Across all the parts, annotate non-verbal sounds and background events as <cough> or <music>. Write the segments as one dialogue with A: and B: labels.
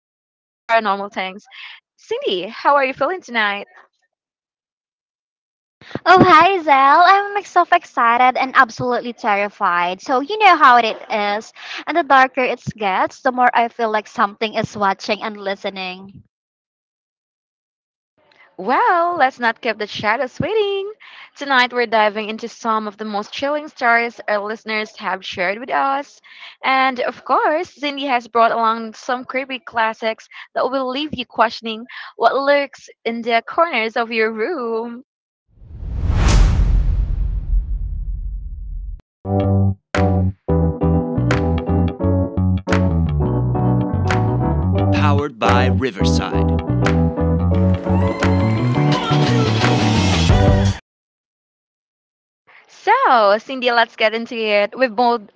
A: paranormal things. Cindy, how are you feeling tonight?
B: Oh, hi, Zell. I'm so excited and absolutely terrified. So, you know how it is. And the darker it gets, the more I feel like something is watching and listening.
A: Well, let's not keep the shadows waiting. Tonight, we're diving into some of the most chilling stories our listeners have shared with us. And of course, Cindy has brought along some creepy classics that will leave you questioning what lurks in the corners of your room. So, Cindy, let's get into it. We've both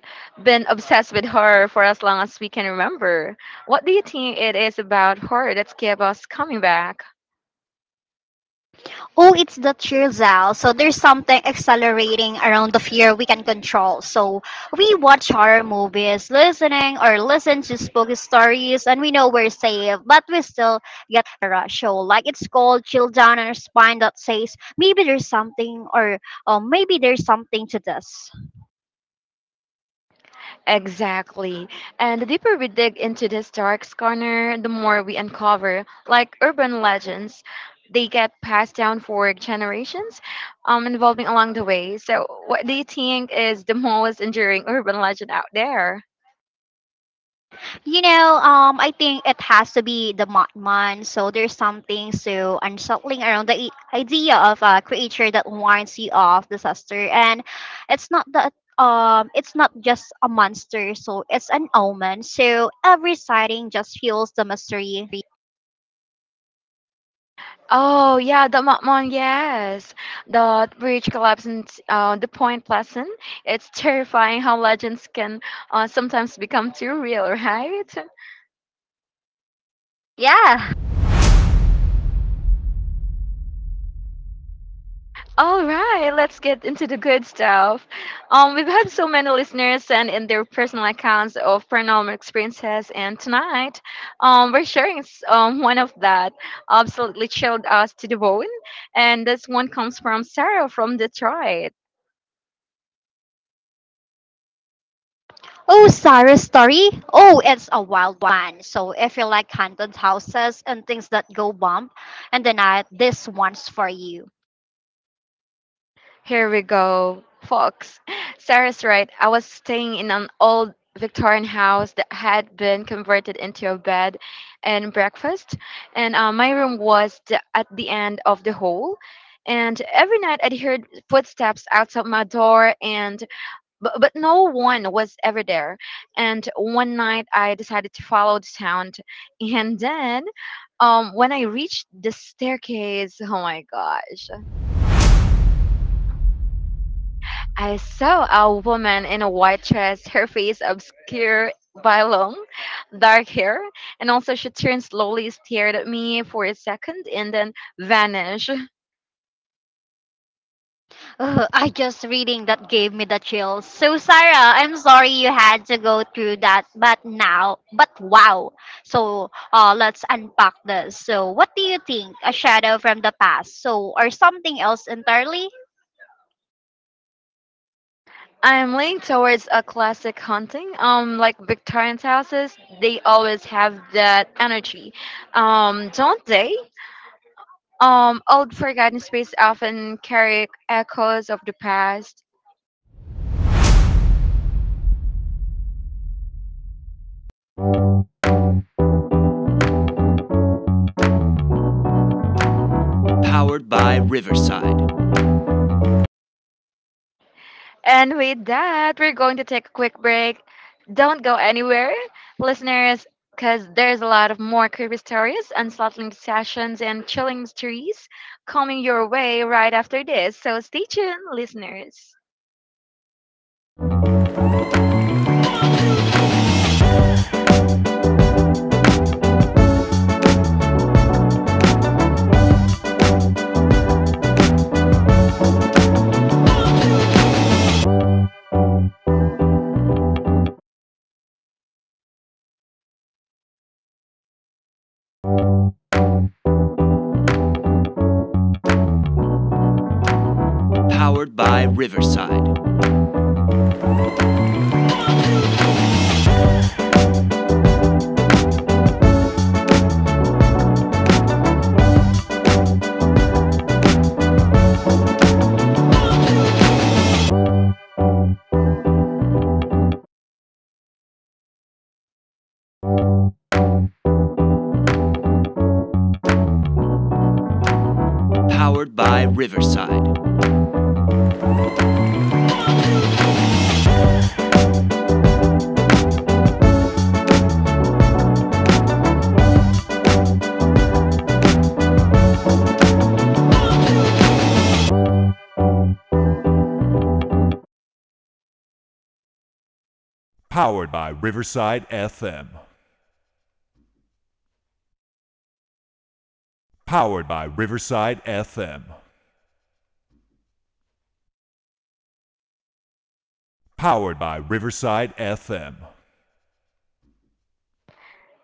A: been obsessed with horror for as long as we can remember. What do you think it is about horror that's kept us coming back?
B: Oh, it's the cheer, Zell. So, there's something accelerating around the fear we can control. So, we watch horror movies, listening or listen to spooky stories, and we know we're safe, but we still get a rush. So, like it's cold, chill down on our spine that says, maybe there's something or oh, maybe there's something to this.
A: Exactly. And the deeper we dig into this dark corner, the more we uncover, like urban legends, they get passed down for generations, evolving along the way. So, what do you think is the <laughs> most enduring urban legend out there?
B: I think it has to be the Mothman. So there's something so unsettling around the idea of a creature that warns you of disaster, and it's not that it's not just a monster. So it's an omen. So every sighting just fuels the mystery.
A: Oh yeah, the Makmon, yes. The bridge collapse in the Point Pleasant. It's <laughs> terrifying how legends can sometimes become too real, <laughs> right?
B: Yeah.
A: All right, let's get into the good stuff. We've had so many listeners send in their personal accounts of paranormal experiences, and tonight, we're sharing one of that absolutely chilled us to the bone, and this one comes from Sarah from Detroit.
B: Oh, Sarah's story. Oh, it's a wild one. So if you like haunted houses and things that go bump in the night, this one's for you.
A: Here we go, folks. <laughs> Sarah's right. I was staying in an old Victorian house that had been converted into a bed and breakfast, and my room was at the end of the hall. And every night I'd heard footsteps outside my door, and but no one was ever there. And one night I decided to follow the sound, and then when I reached the staircase, oh my gosh! I saw a woman in a white dress, <laughs> her face obscured by long, dark hair, and also she turned slowly, stared at me for a second, and then vanished.
B: <laughs> Ugh, I just reading that gave me the chills. So Sarah, I'm sorry you had to go through that, but now, but wow. So let's unpack this. So what do you think? A shadow from the past, so or something else entirely?
A: I'm leaning towards a classic haunting, like Victorian houses. They always have that energy, don't they? Old forgotten spaces often carry echoes of the past. And with that, we're going to take a quick break. Don't go anywhere, listeners, because there's a lot of more creepy stories, unsettling sessions, and chilling mysteries coming your way right after this. So stay tuned, listeners.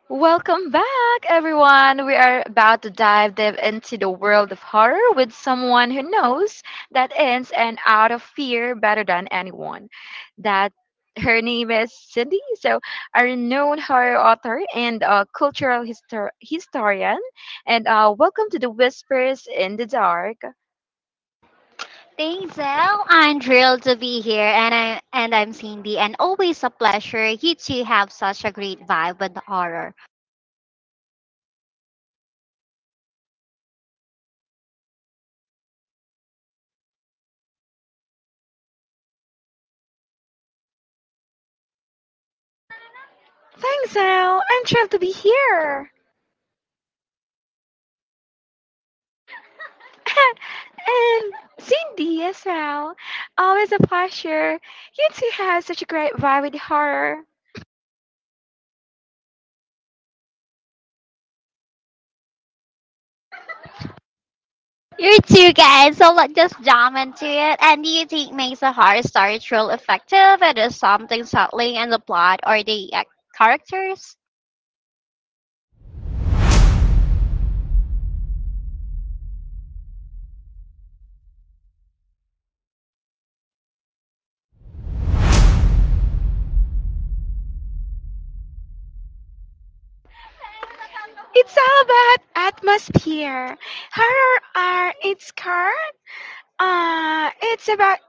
A: Welcome back, everyone. We are about to dive deep into the world of horror with someone who knows that ins and out of fear better than anyone. That her name is Cindy, so a renowned horror author and a cultural historian. And welcome to the Whispers in the Dark.
B: Thanks, Elle. I'm thrilled to be here, and I'm Cindy, and always a pleasure. You two have such a great vibe with the horror.
A: Thanks, Al. I'm thrilled to be here. <laughs> And Cindy as well. Always a pleasure. You two have such a great vibe with horror.
B: You're too guys, so let's just jump into it. And do you think makes a horror story truly effective? It is something subtly in the plot or the characters?
A: It's all about atmosphere. Horror are it's car. It's about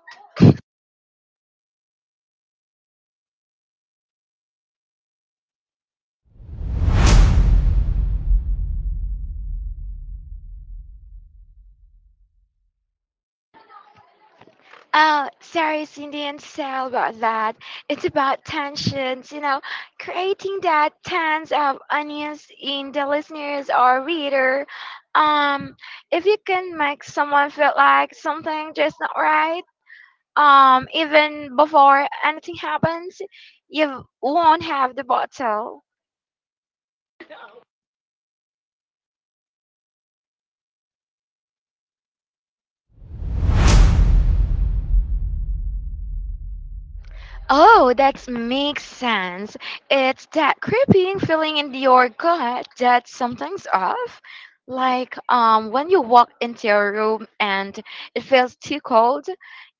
A: oh sorry Cindy and Sal about that. It's about tensions, you know, creating that tense of onions in the listeners or reader. Um if you can make someone feel like something just not right. Even before anything happens, you won't have the bottle. Oh, that makes sense. It's that creeping feeling in your gut that something's off. Like when you walk into your room and it feels too cold,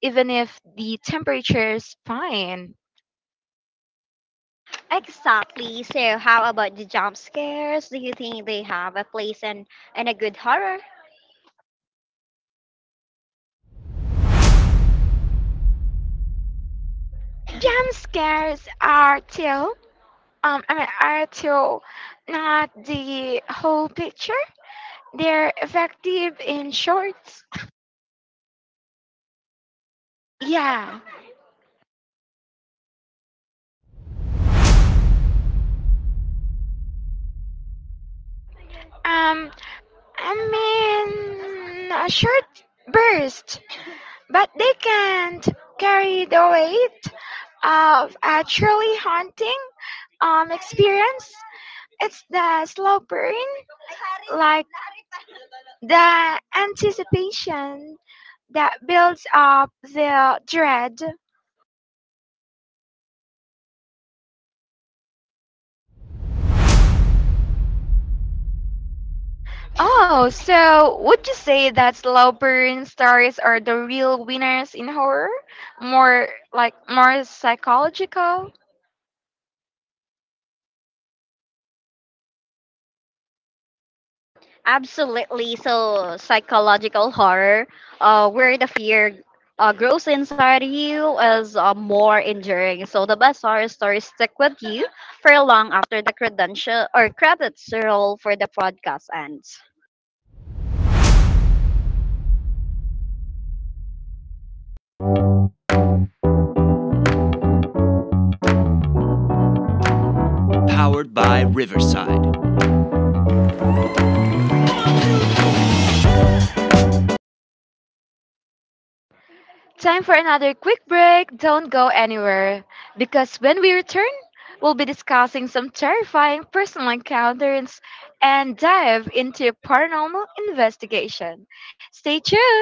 A: even if the temperature is fine.
B: Exactly. So how about the jump scares? Do you think they have a place in a good horror?
A: Jump scares are too. I mean, are too not the whole picture. They're effective in shorts. Yeah. Um, I mean, a short burst, but they can't carry the weight of a truly haunting experience. It's the slow burn, like the anticipation that builds up the dread. Oh, so would you say that slow burn stories are the real winners in horror? More like more psychological?
B: Absolutely. So, psychological horror, where the fear grows inside you, is more enduring. So, the best horror stories stick with you for long after the credential or credits roll for the podcast ends.
A: Time for another quick break. Don't go anywhere because when we return, we'll be discussing some terrifying personal encounters and dive into paranormal investigation. Stay tuned.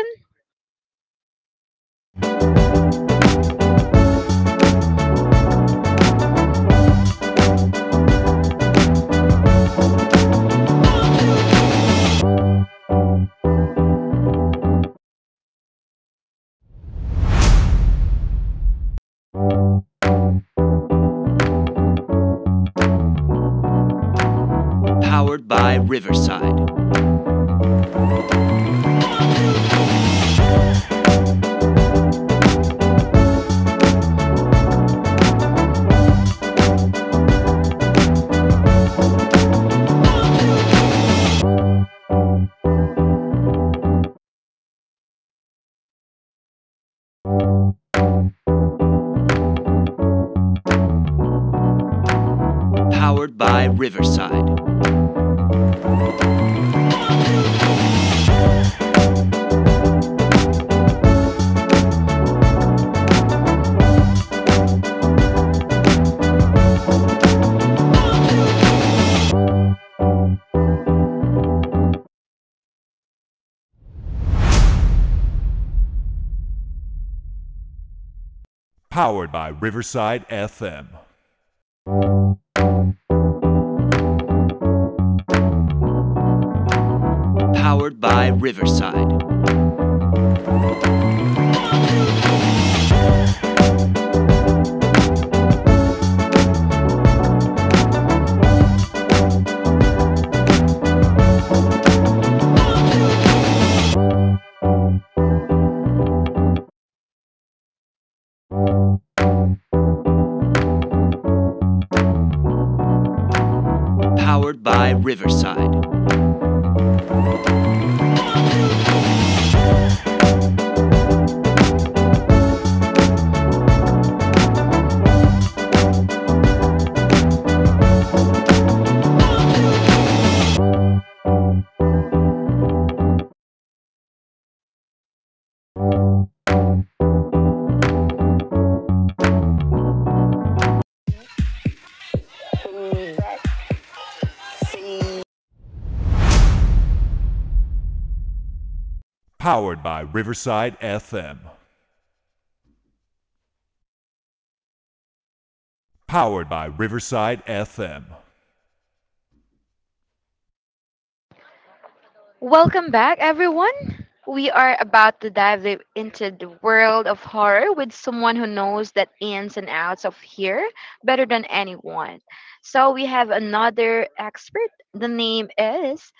A: Welcome back, everyone. We are about to dive deep into the world of horror with someone who knows the ins and outs of here better than anyone. So, we have another expert. The name is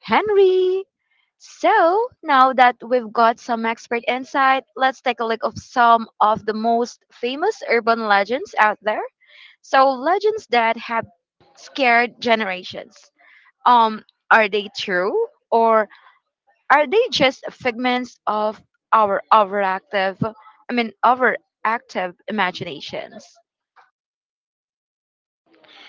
A: Henry. So, now that we've got some expert insight, let's take a look of some of the most famous urban legends out there. So, legends that have scared generations. Um, are they true? Or are they just figments of our overactive imaginations?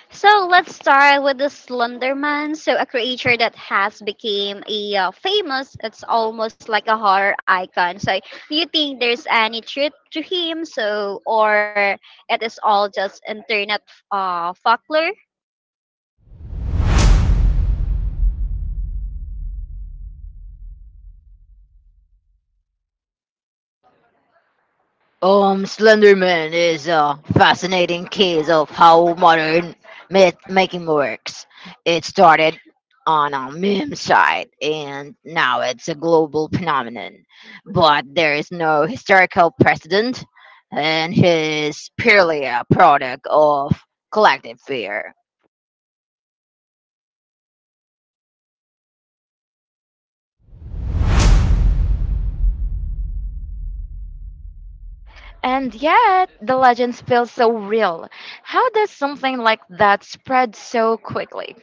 B: So let's start with the Slender Man. So a creature that has became a famous. It's almost like a horror icon. So do you think there's any truth to him? So or it is all just internet folklore?
A: Slenderman is a fascinating case of how modern myth making works. It started on a meme site and now it's a global phenomenon. But there is no historical precedent and it is purely a product of collective fear. And yet, the legends feel so real. How does something like that spread so quickly?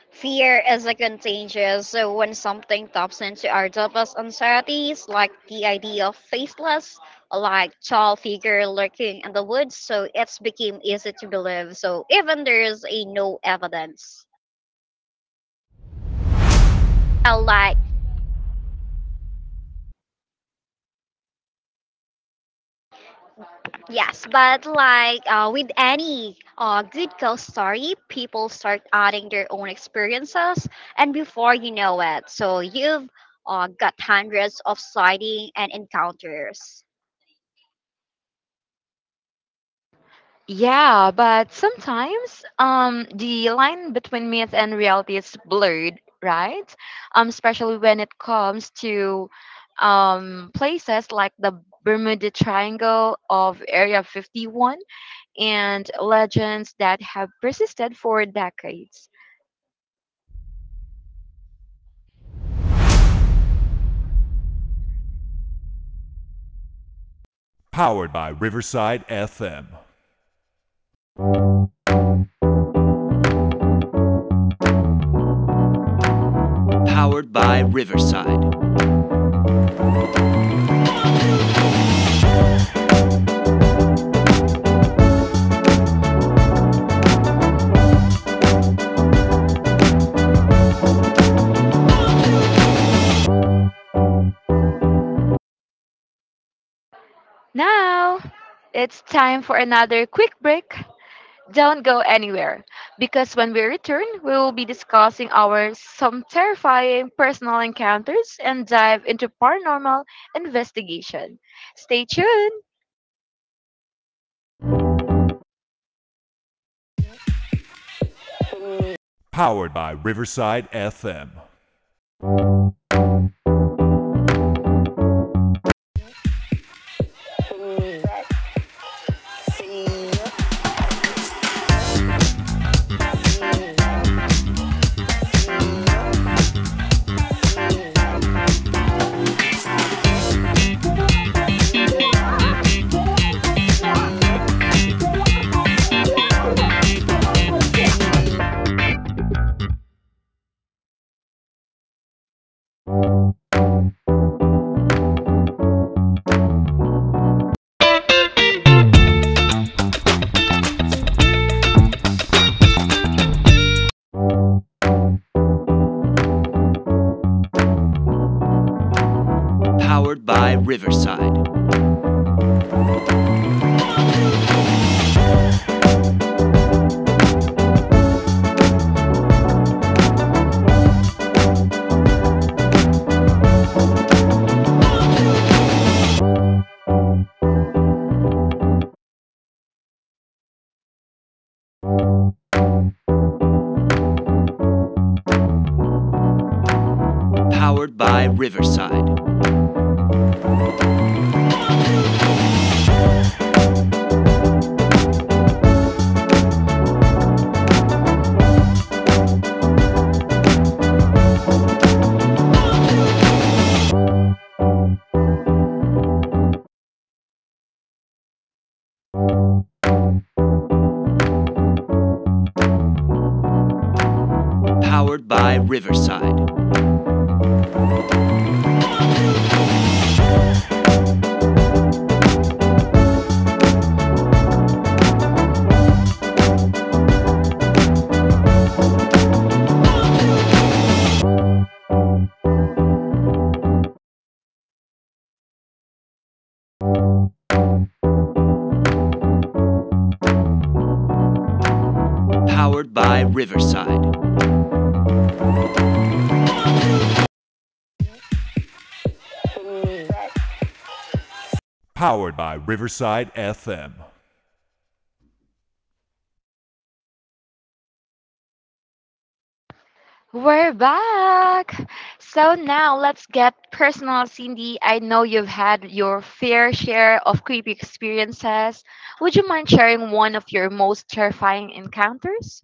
B: Fear is a contagious. So when something taps into our deepest anxieties, like the idea of faceless, like tall figure lurking in the woods, so it's became easy to believe. So even there is a no evidence. Like yes, but like with any good ghost story, people start adding their own experiences, and before you know it, so you've got hundreds of sighting and encounters.
A: Yeah, but sometimes the line between myth and reality is blurred, right? Especially when it comes to places like the Bermuda Triangle of Area 51 and legends that have persisted for decades. Now, it's time for another quick break. Don't go anywhere, because when we return, we will be discussing our some terrifying personal encounters and dive into paranormal investigation. Stay tuned. We're back. So now let's get personal, Cindy. I know you've had your fair share of creepy experiences. Would you mind sharing one of your most terrifying encounters?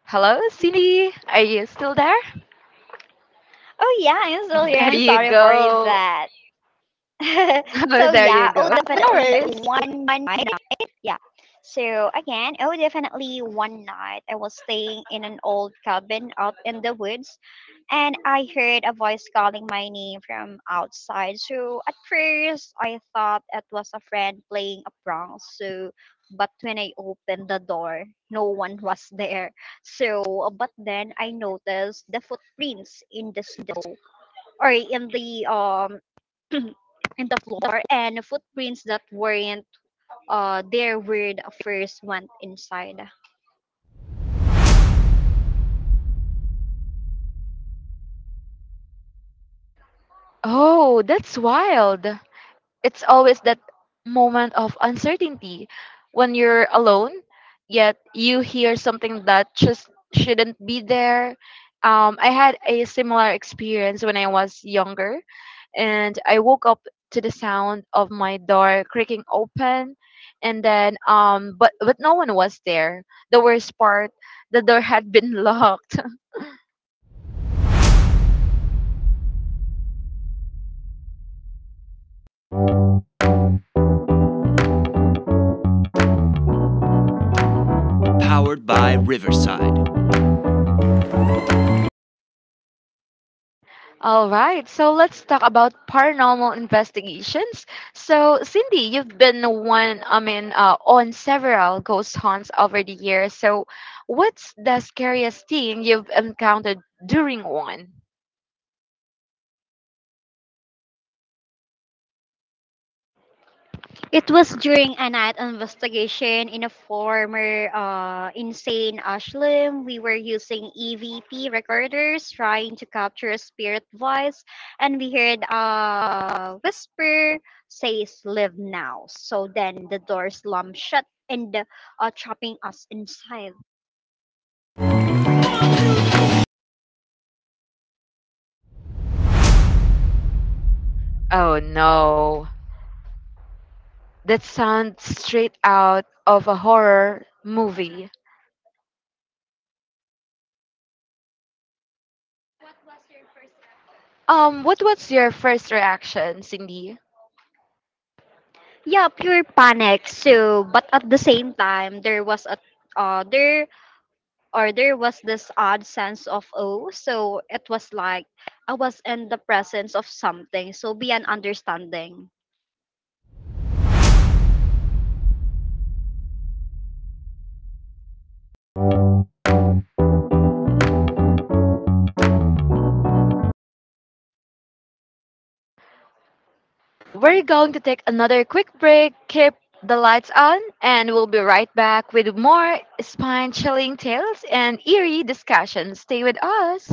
A: Hello, Cindy. Are you still there?
B: Oh yeah, I'm still here.
A: There
B: I'm
A: you
B: sorry for
A: go.
B: that. <laughs> So
A: <laughs> There you
B: yeah, oh
A: go. No
B: definitely
A: worries.
B: one night. Yeah. So again, oh definitely one night I was staying in an old cabin up in the woods and I heard a voice calling my name from outside. So at first, I thought it was a friend playing a prank. So, but when I opened the door, no one was there. So, but then I noticed the footprints in the snow or in the floor and footprints that weren't there were the first one inside.
A: Oh, that's wild. It's always that moment of uncertainty when you're alone, yet you hear something that just shouldn't be there. I had a similar experience when I was younger, and I woke up to the sound of my door creaking open, and then but no one was there. The worst part, the door had been <laughs> locked. All right, so let's talk about paranormal investigations. So, Cindy, you've been on several ghost hunts over the years. So, what's the scariest thing you've encountered during one?
B: It was during a night investigation in a former insane asylum. We were using EVP recorders trying to capture a spirit voice, and we heard a whisper says, live now. So then the door slammed shut and trapping us inside.
A: Oh no, that sounds straight out of a horror movie. What was your first reaction, Cindy?
B: Yeah, pure panic. So, but at the same time, there was a there or there was this odd sense of oh so it was like I was in the presence of something so be an understanding.
A: We're going to take another quick break, keep the lights on, and we'll be right back with more spine chilling tales and eerie discussions. Stay with us.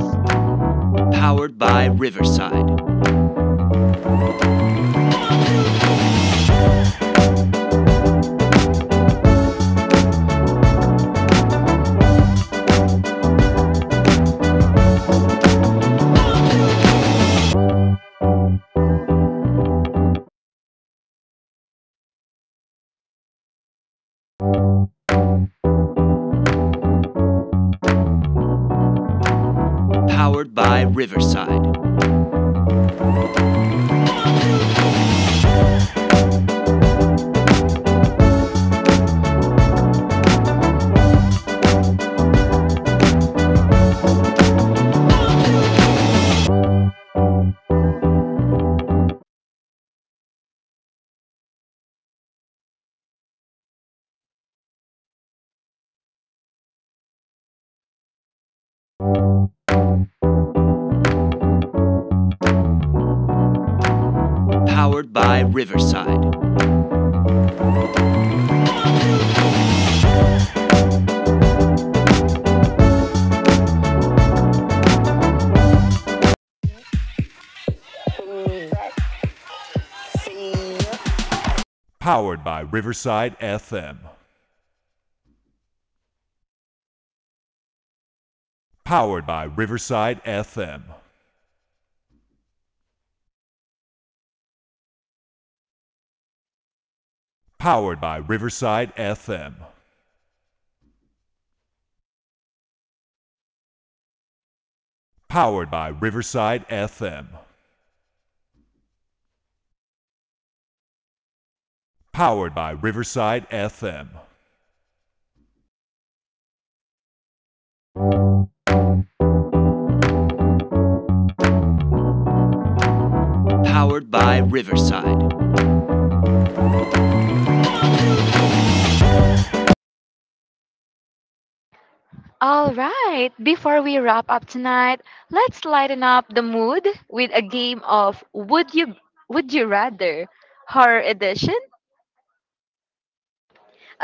A: All right, before we wrap up tonight, let's lighten up the mood with a game of Would You Rather Horror Edition. <laughs>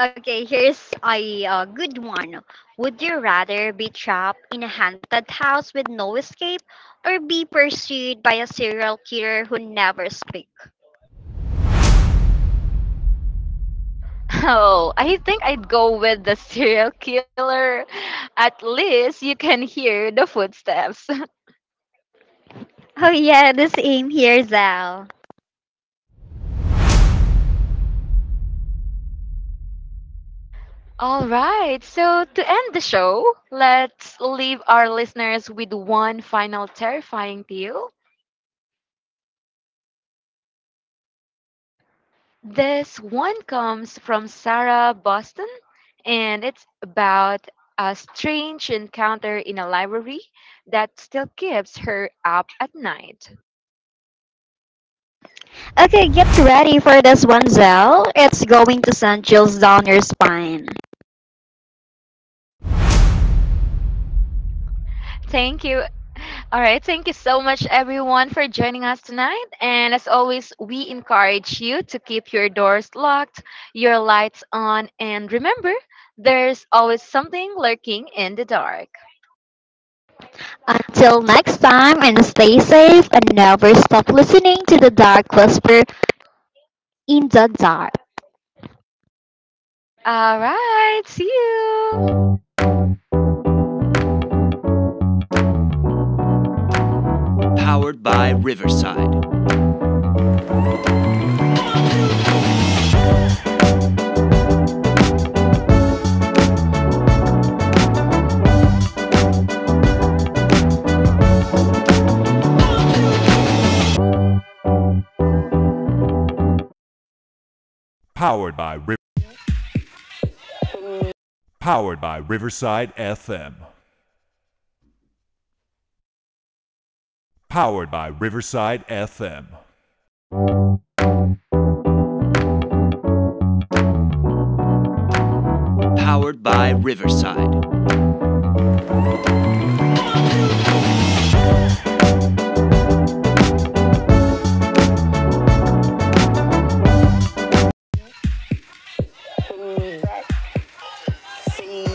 B: Okay, here's a good one. Would you rather be trapped in a haunted house with no escape or be pursued by a serial killer who never speak?
A: Oh, I think I'd go with the <laughs> serial killer. At least you can hear the footsteps.
B: Oh yeah, the same here, Zal.
A: All right. So to end the show, let's leave our listeners with one final terrifying tale. This one comes from Sarah Boston, and it's about a strange encounter in a library that still keeps her up at night.
B: Okay, get ready for this one, Zal. It's going to send chills down your spine.
A: Thank you. All right. Thank you so much, everyone, for joining us tonight. And as always, we encourage you to keep your doors locked, your lights on, and remember, there's always something lurking in the dark.
B: Until next time, and stay safe and never stop listening to the Dark Whisper in the Dark.
A: All right. See you.